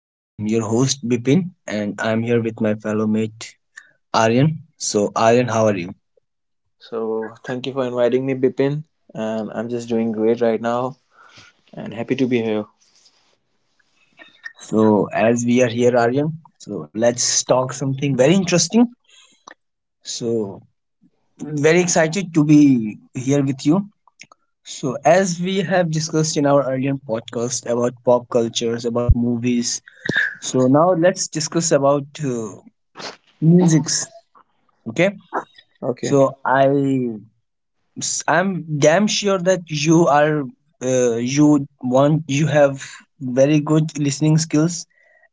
I am your host, Bipin, and I am here with my fellow mate, Aryan. So, Aryan, how are you? So thank you for inviting me, Bipin. And I'm just doing great right now and happy to be here. So, as we are here, Aryan, so let's talk something very interesting. So, very excited to be here with you. So, as we have discussed in our earlier podcast about pop cultures, about movies, so now let's discuss about musics. Okay, Okay. so I'm damn sure that you are you have very good listening skills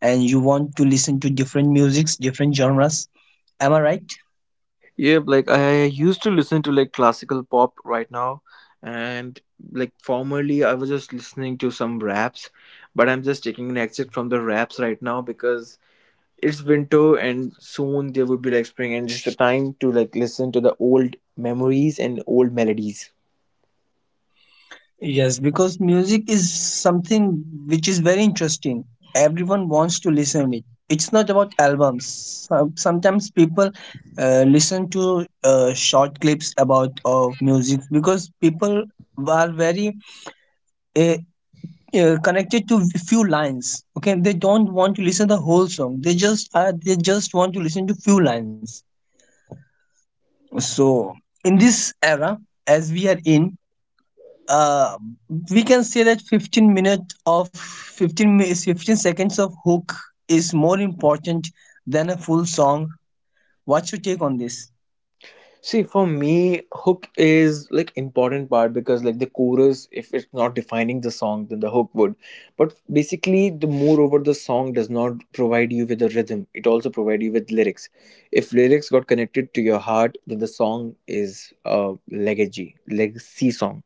and you want to listen to different musics, different genres. Am I right? Yep, like I used to listen to like classical pop right now, and like formerly I was just listening to some raps, but I'm just taking an exit from the raps right now because it's winter and soon there would be like spring and just the time to like listen to the old memories and old melodies. Yes, because music is something which is very interesting. Everyone wants to listen it. It's not about albums. Sometimes people listen to short clips about of music because people are very uh, connected to few lines. Okay, they don't want to listen the whole song. They just they just want to listen to few lines. So in this era, as we are in, uh, we can say that 15 seconds of hook is more important than a full song. What's your take on this? See, for me, hook is like important part, because like the chorus, if it's not defining the song, then the hook would. But basically, the moreover, the song does not provide you with a rhythm. It also provide you with lyrics. If lyrics got connected to your heart, then the song is a legacy, legacy song.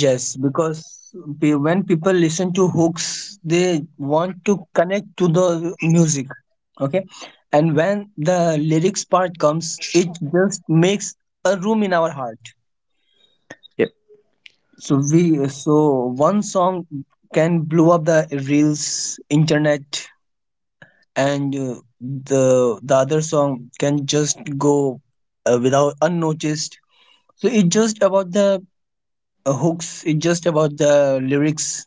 Yes, because when people listen to hooks, they want to connect to the music. Okay. And when the lyrics part comes, it just makes a room in our heart. So we, so one song can blow up the reels, internet, and the other song can just go without unnoticed. So it's just about the hooks. It's just about the lyrics.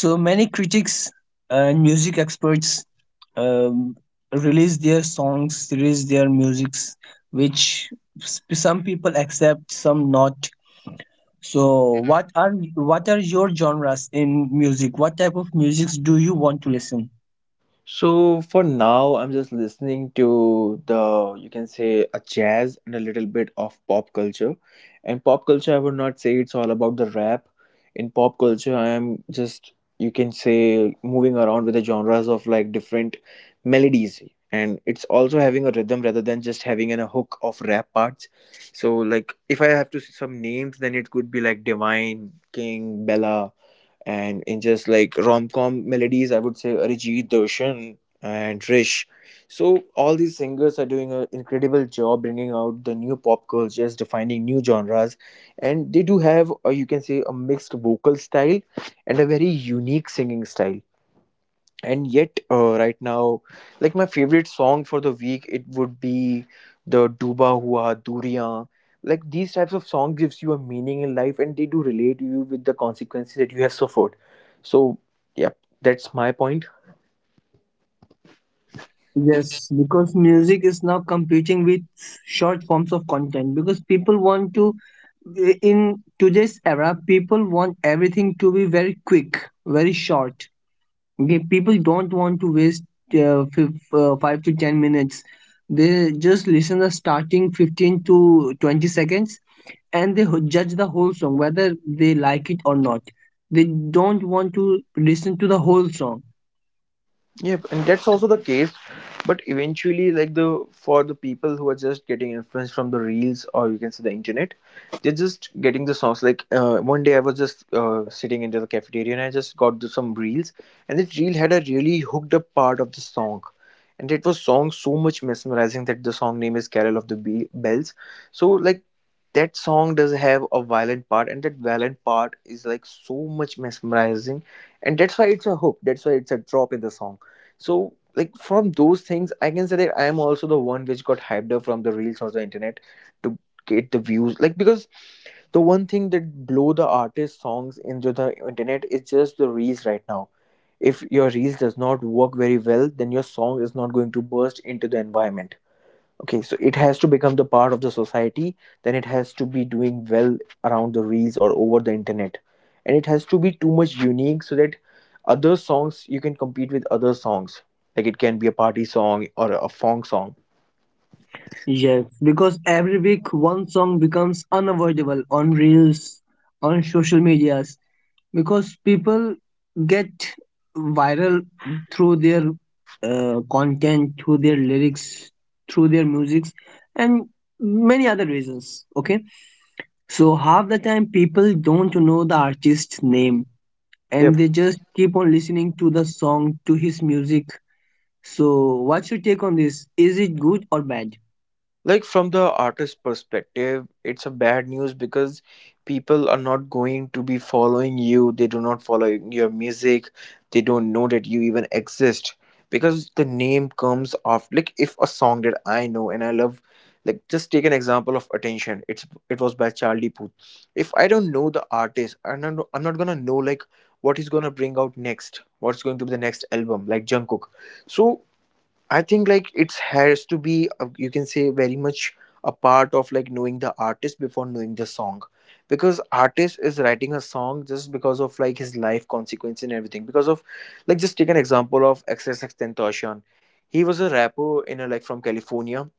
So many critics and music experts um, release their songs, release their musics, which some people accept, some not. So what are your genres in music? What type of musics do you want to listen? So for now, I'm just listening to the, you can say, a jazz and a little bit of pop culture. And pop culture, I would not say it's all about the rap. In pop culture, I am just, you can say, moving around with the genres of like different melodies, and it's also having a rhythm rather than just having a hook of rap parts. So like if I have to see some names, then it could be like Divine, King, Bella, and in just like rom-com melodies, I would say Arijit, Doshan and Rish. So all these singers are doing an incredible job, bringing out the new pop cultures, defining new genres. And they do have, or you can say, a mixed vocal style and a very unique singing style. And yet, right now, like, my favorite song for the week, it would be the Duba Hua Duriyan. Like, these types of songs gives you a meaning in life, and they do relate you with the consequences that you have suffered. So yeah, that's my point. Yes, because music is now competing with short forms of content because people want to, in today's era, people want everything to be very quick, very short. Okay, people don't want to waste 5 to 10 minutes. They just listen the starting 15 to 20 seconds and they judge the whole song whether they like it or not. They don't want to listen to the whole song. Yeah, and that's also the case. But eventually, like, the for the people who are just getting influence from the reels, or you can say the internet, they're just getting the songs. Like one day, I was just sitting into the cafeteria, and I just got some reels, and this reel had a really hooked up part of the song, and it was song so much mesmerizing, that the song name is "Carol of the Bells." So like, that song does have a violent part, and that violent part is like so much mesmerizing, and that's why it's a hook. That's why it's a drop in the song. So like, from those things, I can say that I am also the one which got hyped up from the reels or the internet to get the views. Like, because the one thing that blow the artist songs into the internet is just the reels right now. If your reels does not work very well, then your song is not going to burst into the environment. Okay, so it has to become the part of the society, then it has to be doing well around the reels or over the internet, and it has to be too much unique so that other songs, you can compete with other songs. Like, it can be a party song or a funk song. Yes, because every week one song becomes unavoidable on reels, on social medias, because people get viral through their content, through their lyrics, through their musics, and many other reasons. Okay, so half the time people don't know the artist's name, and Yeah. they just keep on listening to the song, to his music. So what's your take on this? Is it good or bad? Like, from the artist perspective, it's a bad news, because people are not going to be following you. They do not follow your music. They don't know that you even exist, because the name comes off. Like, if a song that I know and I love, like, just take an example of Attention, it was by Charlie Puth. If I don't know the artist, I'm not gonna know like what he's gonna bring out next, what's going to be the next album, like Jungkook. So I think like, it's has to be, you can say, very much a part of like knowing the artist before knowing the song, because artist is writing a song just because of, like, his life consequence and everything. Because of, like, just take an example of XXX Tentacion. He was a rapper like from California,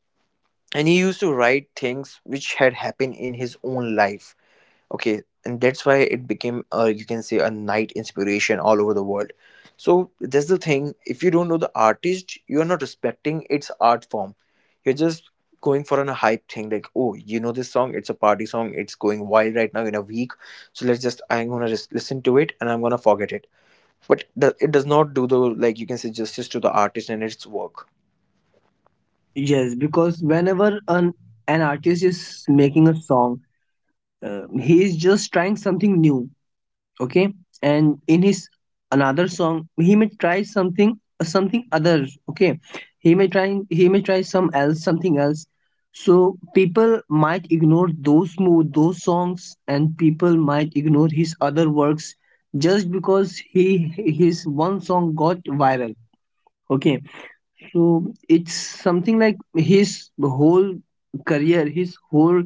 and he used to write things which had happened in his own life. Okay, and that's why it became, you can say, a night inspiration all over the world. So that's the thing, if you don't know the artist, you're not respecting its art form. You're just going for an a hype thing, like, oh, you know this song, it's a party song, it's going wild right now in a week, so let's just, I'm gonna just listen to it, and I'm gonna forget it. But it does not do the, like you can say, justice to the artist and its work. Yes, because whenever an artist is making a song, he is just trying something new. Okay, and in his another song, he may try something, something other. Okay, he may try some else, something else. So people might ignore those, move those songs, and people might ignore his other works just because he, his one song got viral. Okay, so it's something like his whole career, his whole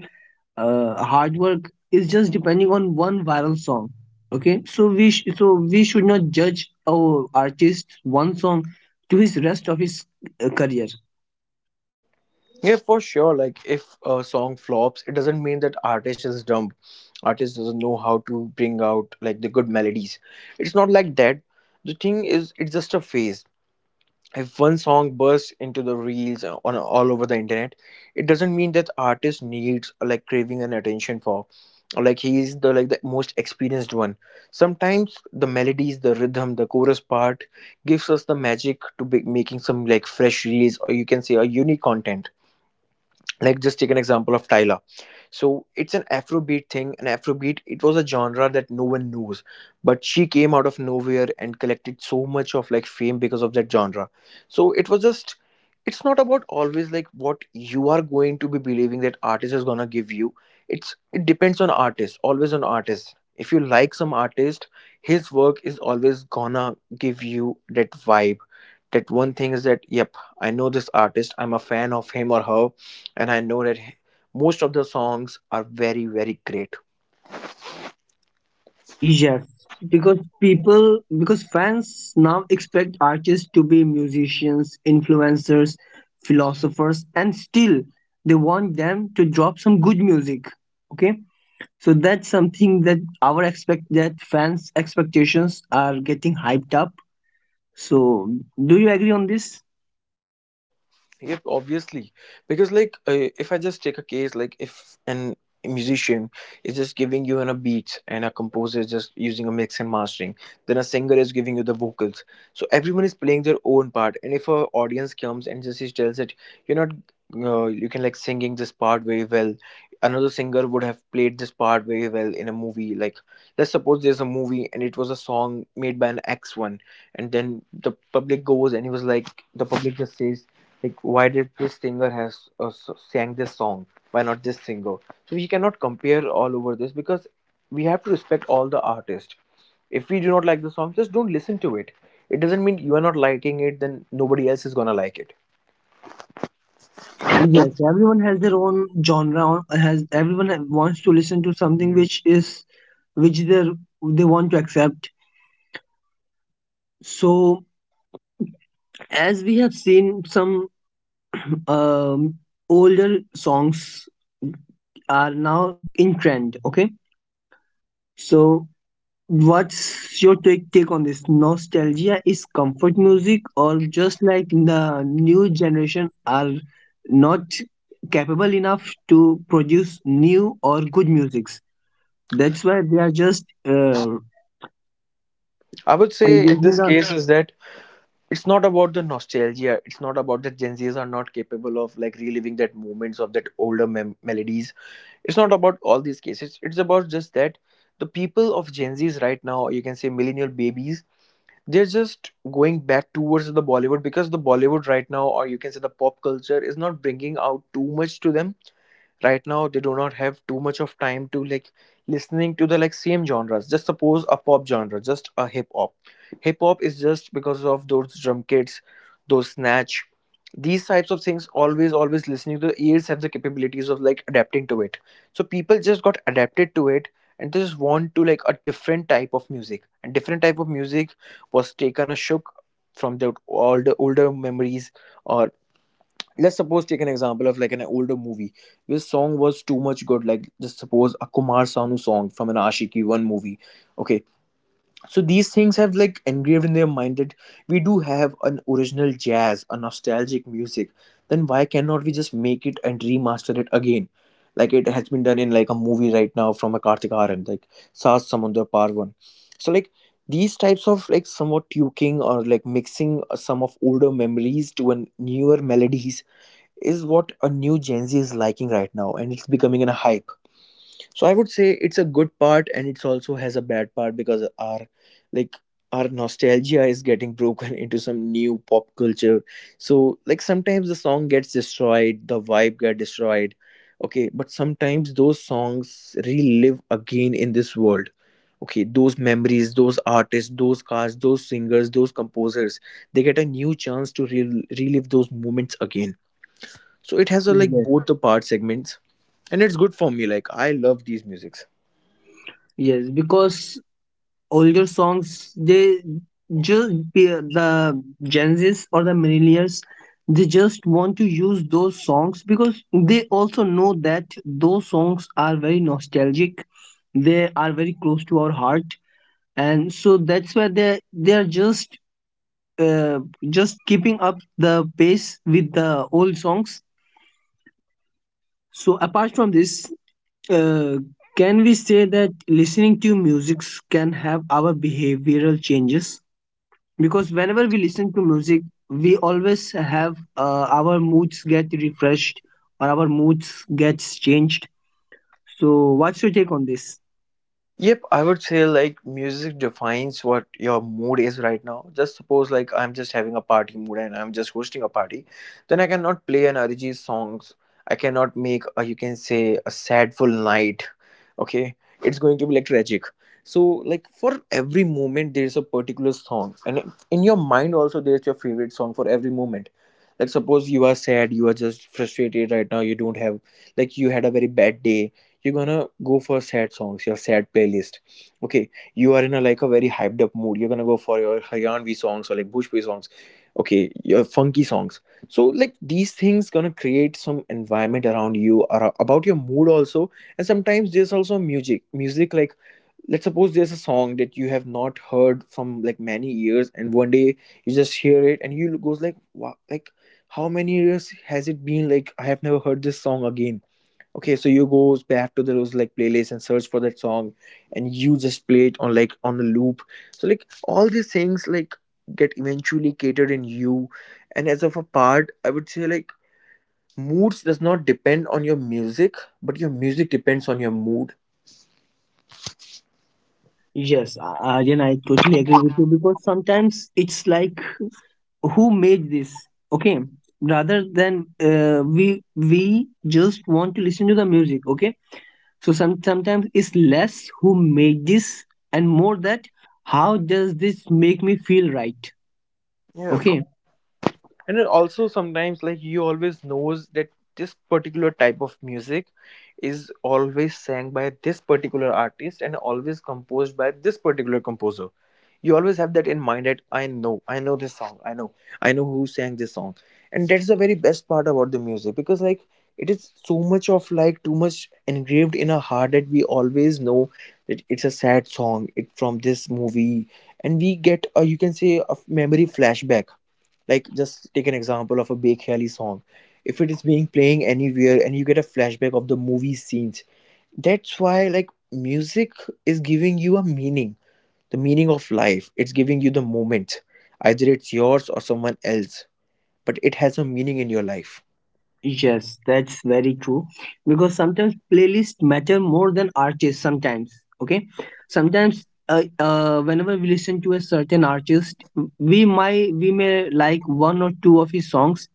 hard work is just depending on one viral song. Okay, so so we should not judge our artist one song to his rest of his career. Yeah, for sure. Like, if a song flops, it doesn't mean that artist is dumb, artist doesn't know how to bring out like the good melodies. It's not like that. The thing is, it's just a phase. If one song bursts into the reels, on all over the internet, it doesn't mean that artist needs, like, craving and attention for. Or like, he is the, like the most experienced one. Sometimes the melodies, the rhythm, the chorus part gives us the magic to be making some like fresh reels, or you can say a unique content. Like, just take an example of Tyler. So, it's an Afrobeat thing. An Afrobeat, it was a genre that no one knows, but she came out of nowhere and collected so much of like fame because of that genre. So it was just, it's not about always like what you are going to be believing that artist is gonna give you. It depends on artist, always on artist. If you like some artist, his work is always gonna give you that vibe, that one thing is that, yep, I know this artist, I'm a fan of him or her, and I know that most of the songs are very, very great. Yes, because people because fans now expect artists to be musicians, influencers, philosophers, and still they want them to drop some good music. Okay, so that's something that our expect that fans expectations are getting hyped up. So, do you agree on this? Yep, obviously, because like, if I just take a case, like if an musician is just giving you an a beat, and a composer is just using a mix and mastering, then a singer is giving you the vocals. So everyone is playing their own part. And if a audience comes and just is tells it, you're not, you can, like, singing this part very well. Another singer would have played this part very well in a movie. Like, let's suppose there's a movie and it was a song made by an X one, and then the public goes, and it was like, the public just says, like, why did this singer has sang this song, why not this singer. So we cannot compare all over this, because we have to respect all the artists. If we do not like the song, just don't listen to it. It doesn't mean you are not liking it, then nobody else is gonna like it. Yes, everyone has their own genre. Or has wants to listen to something which is which they want to accept. So as we have seen, some um, older songs are now in trend. Okay, so what's your take on this? Nostalgia is comfort music, or just like the new generation are not capable enough to produce new or good musics. That's why they are just I would say in using this the case is that, it's not about the nostalgia, it's not about that Gen Z's are not capable of like reliving that moments of that older melodies. It's not about all these cases, it's about just that, the people of Gen Z's right now, you can say millennial babies, they're just going back towards the Bollywood, because the Bollywood right now, or you can say the pop culture, is not bringing out too much to them. Right now they do not have too much of time to like listening to the like same genres, just suppose a pop genre, just a hip hop. Hip hop is just because of those drum kits, those snatch. These types of things, always, always listening to the ears, have the capabilities of like adapting to it. So people just got adapted to it, and they just want to like a different type of music, and different type of music was taken a shook from the all the older memories. Or, let's suppose, take an example of like an older movie, this song was too much good. Like, just suppose a Kumar Sanu song from an Ashiki One movie. Okay, so these things have like engraved in their mind that we do have an original jazz, a nostalgic music, then why cannot we just make it and remaster it again, like it has been done in, like, a movie right now from a Kartik Aaryan, like Saas Samundar Paar One. So like, these types of like somewhat tuking, or like mixing some of older memories to an newer melodies, is what a new Gen Z is liking right now, and it's becoming a hype. So I would say it's a good part, and it's also has a bad part, because our, like nostalgia is getting broken into some new pop culture. So like, sometimes the song gets destroyed, the vibe get destroyed. Okay, but sometimes those songs relive again in this world. Okay, those memories, those artists, those cars, those singers, those composers, they get a new chance to relive those moments again, so it has a like yes, both the part segments, and it's good for me, like I love these musics. yes because older songs, they, just be the Gen Zs or the millennials, they just want to use those songs because they also know that those songs are very nostalgic. They are very close to our heart, and so that's why they are uh, just keeping up the pace with the old songs. So apart from this, uh, can we say that listening to music can have our behavioral changes? Because whenever we listen to music, we always have, our moods get refreshed or our moods gets changed. So what's your take on this? Yep, I would say like music defines what your mood is right now. Just suppose like I'm just having a party mood and I'm just hosting a party, then I cannot play an Arijit songs. I cannot make a, you can say, a sadful night. Okay, it's going to be like tragic. So like for every moment there's a particular song, and in your mind also there's your favorite song for every moment. Like suppose you are sad, you are just frustrated right now. You don't have, like you had a very bad day, you're gonna go for sad songs, your sad playlist. Okay, you are in a like a very hyped up mood, you're gonna go for your haryanvi songs or like bhojpuri songs. Okay, your funky songs. So like these things gonna create some environment around you or about your mood also. And sometimes there's also music like, let's suppose there's a song that you have not heard from like many years, and one day you just hear it and you goes like wow, like how many years has it been, like I have never heard this song again. Okay, so you goes back to those like playlists and search for that song, and you just play it on like on the loop. So like all these things like get eventually catered in you, and as of a part I would say like moods does not depend on your music, but your music depends on your mood. Yes, Aryan, I totally agree with you because sometimes it's like who made this. Okay, rather than uh, we we just want to listen to the music. Okay, so sometimes it's less who made this and more that how does this make me feel, right? Yeah, Okay. and it also sometimes like he always knows that this particular type of music is always sang by this particular artist and always composed by this particular composer. You always have that in mind that I know, I know this song, I know who sang this song. And that's the very best part about the music, because like it is so much of like too much engraved in our heart that we always know that it's a sad song, it from this movie. And we get, you can say, a memory flashback, like just take an example of a Bekhayali song. If it is being playing anywhere and you get a flashback of the movie scenes. That's why like music is giving you a meaning, the meaning of life, it's giving you the moment, either it's yours or someone else, but it has a meaning in your life. Yes, that's very true. Because sometimes playlists matter more than artists. Sometimes, okay, sometimes whenever we listen to a certain artist, we might we may like one or two of his songs,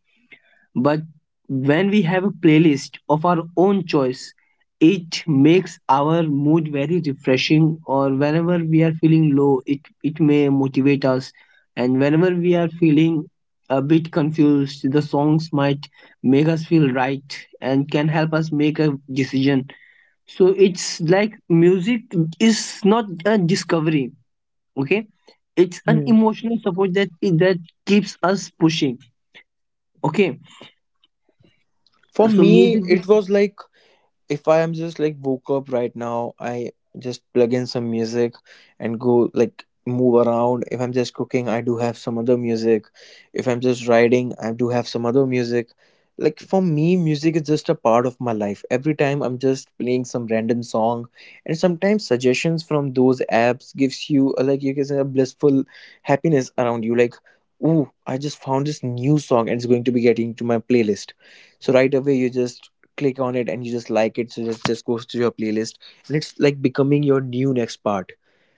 but when we have a playlist of our own choice, it makes our mood very refreshing, or whenever we are feeling low, it may motivate us. And whenever we are feeling a bit confused, the songs might make us feel right and can help us make a decision. So it's like music is not a discovery. Okay, it's an Hmm. emotional support that keeps us pushing. Okay, For so me music it is was like, if I am just like woke up right now, I just plug in some music and go like move around. If I'm just cooking, I do have some other music. If I'm just riding, I do have some other music. Like for me, music is just a part of my life. Every time I'm just playing some random song, and sometimes suggestions from those apps gives you a, like you can say, a blissful happiness around you. Like, ooh, I just found this new song and it's going to be getting to my playlist. So right away you just click on it and you just like it, so it just goes to your playlist, and it's like becoming your new next part.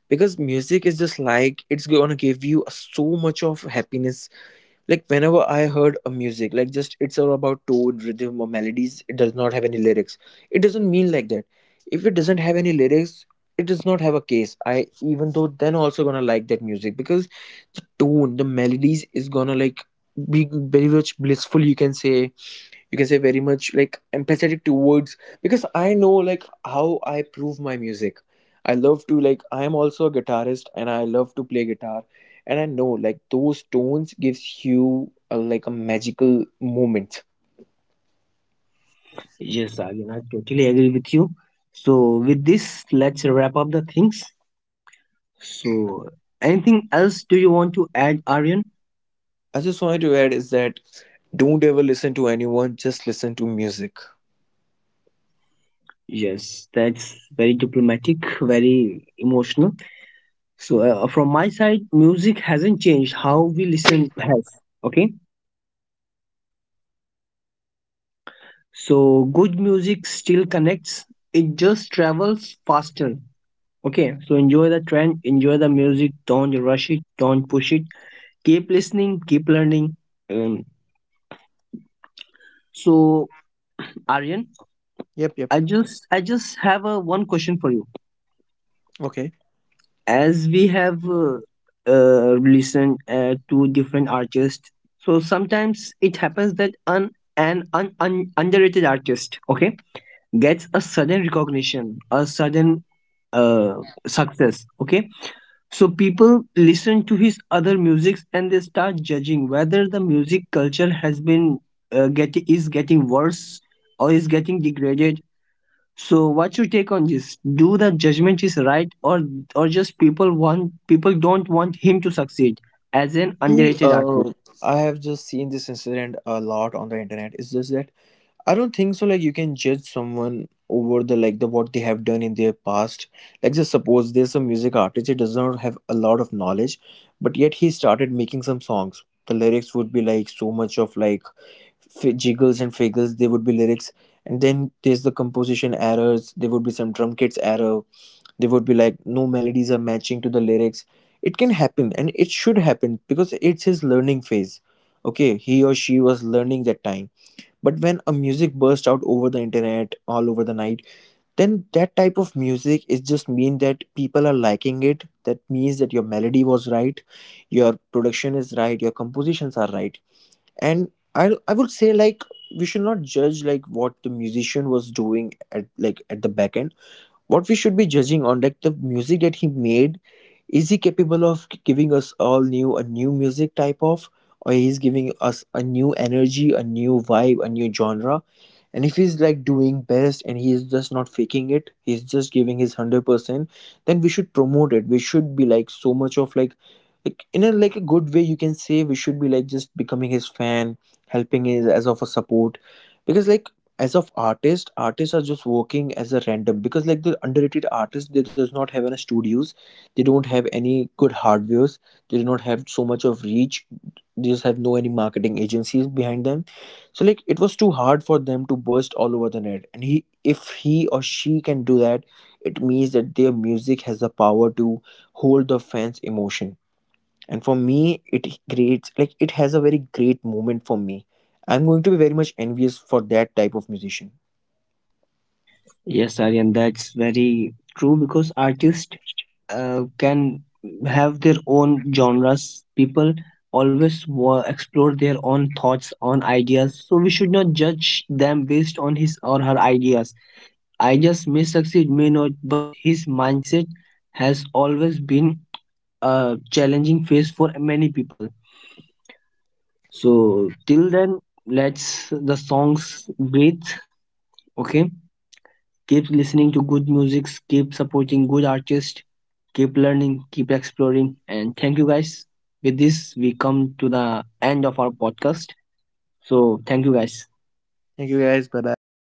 Because music is just like, it's gonna give you so much of happiness. Like whenever I heard a music, like just it's all about tone, rhythm or melodies, it does not have any lyrics. It doesn't mean like that if it doesn't have any lyrics, it does not have a case. I even though then also gonna like that music, because the tone, the melodies is gonna like be very much blissful, you can say, you can say very much like empathetic towards. Because I know like how I prove my music, I love to, like I am also a guitarist and I love to play guitar. And I know like those tones gives you a, like a magical moment. yes, again, I totally agree with you. So, with this, let's wrap up the things. So, anything else do you want to add, Aryan? I just wanted to add is that don't ever listen to anyone, just listen to music. Yes, that's very diplomatic, very emotional. So, from my side, music hasn't changed. How we listen has. Okay. So, good music still connects, it just travels faster. Okay. So, enjoy the trend, enjoy the music. Don't rush it, don't push it. Keep listening, keep learning. Um, so Aryan, Yep, yep. I just have a one question for you. Okay. As we have listened to different artists, so sometimes it happens that an underrated artist, okay, gets a sudden recognition, a sudden uh, success, okay. So people listen to his other musics and they start judging whether the music culture has been get is getting worse or is getting degraded. So what's your take on this? Do the judgment is right, or just people don't want him to succeed as an See, underrated artist? I have just seen this incident a lot on the internet. It's just that I don't think so. Like you can judge someone over the like the what they have done in their past. Like just suppose there's a music artist, he does not have a lot of knowledge, but yet he started making some songs. The lyrics would be like so much of like jiggles and figgles. They would be lyrics, and then there's the composition errors. There would be some drum kits error. There would be like no melodies are matching to the lyrics. It can happen, and it should happen because it's his learning phase. Okay, he or she was learning that time, but when a music burst out over the internet all over the night, then that type of music is just mean that people are liking it, that means that your melody was right, your production is right, your compositions are right. And I would say like we should not judge like what the musician was doing at like at the back end. What we should be judging on like the music that he made, is he capable of giving us all new a new music type of, or he's giving us a new energy, a new vibe, a new genre. And if he's like doing best and he is just not faking it, he's just giving his 100%, then we should promote it. We should be like so much of like in a like a good way, you can say, we should be like just becoming his fan, helping his as of a support. Because like as of artist, artists are just working as a random, because like the underrated artists, they does not have any studios, they don't have any good hardwares, they do not have so much of reach, they just have no any marketing agencies behind them. So like it was too hard for them to burst all over the net, and he, if he or she can do that, it means that their music has the power to hold the fans emotion. And for me it creates like, it has a very great moment for me. I'm going to be very much envious for that type of musician. Yes, Aryan, that's very true because artists can have their own genres. People always explore their own thoughts on ideas, so we should not judge them based on his or her ideas. Ideas may succeed, may not, but his mindset has always been a challenging phase for many people. So till then, let's the songs breathe. Okay, keep listening to good music, keep supporting good artists, keep learning, keep exploring, and thank you guys. With this, we come to the end of our podcast. So thank you guys. Thank you guys, bye bye.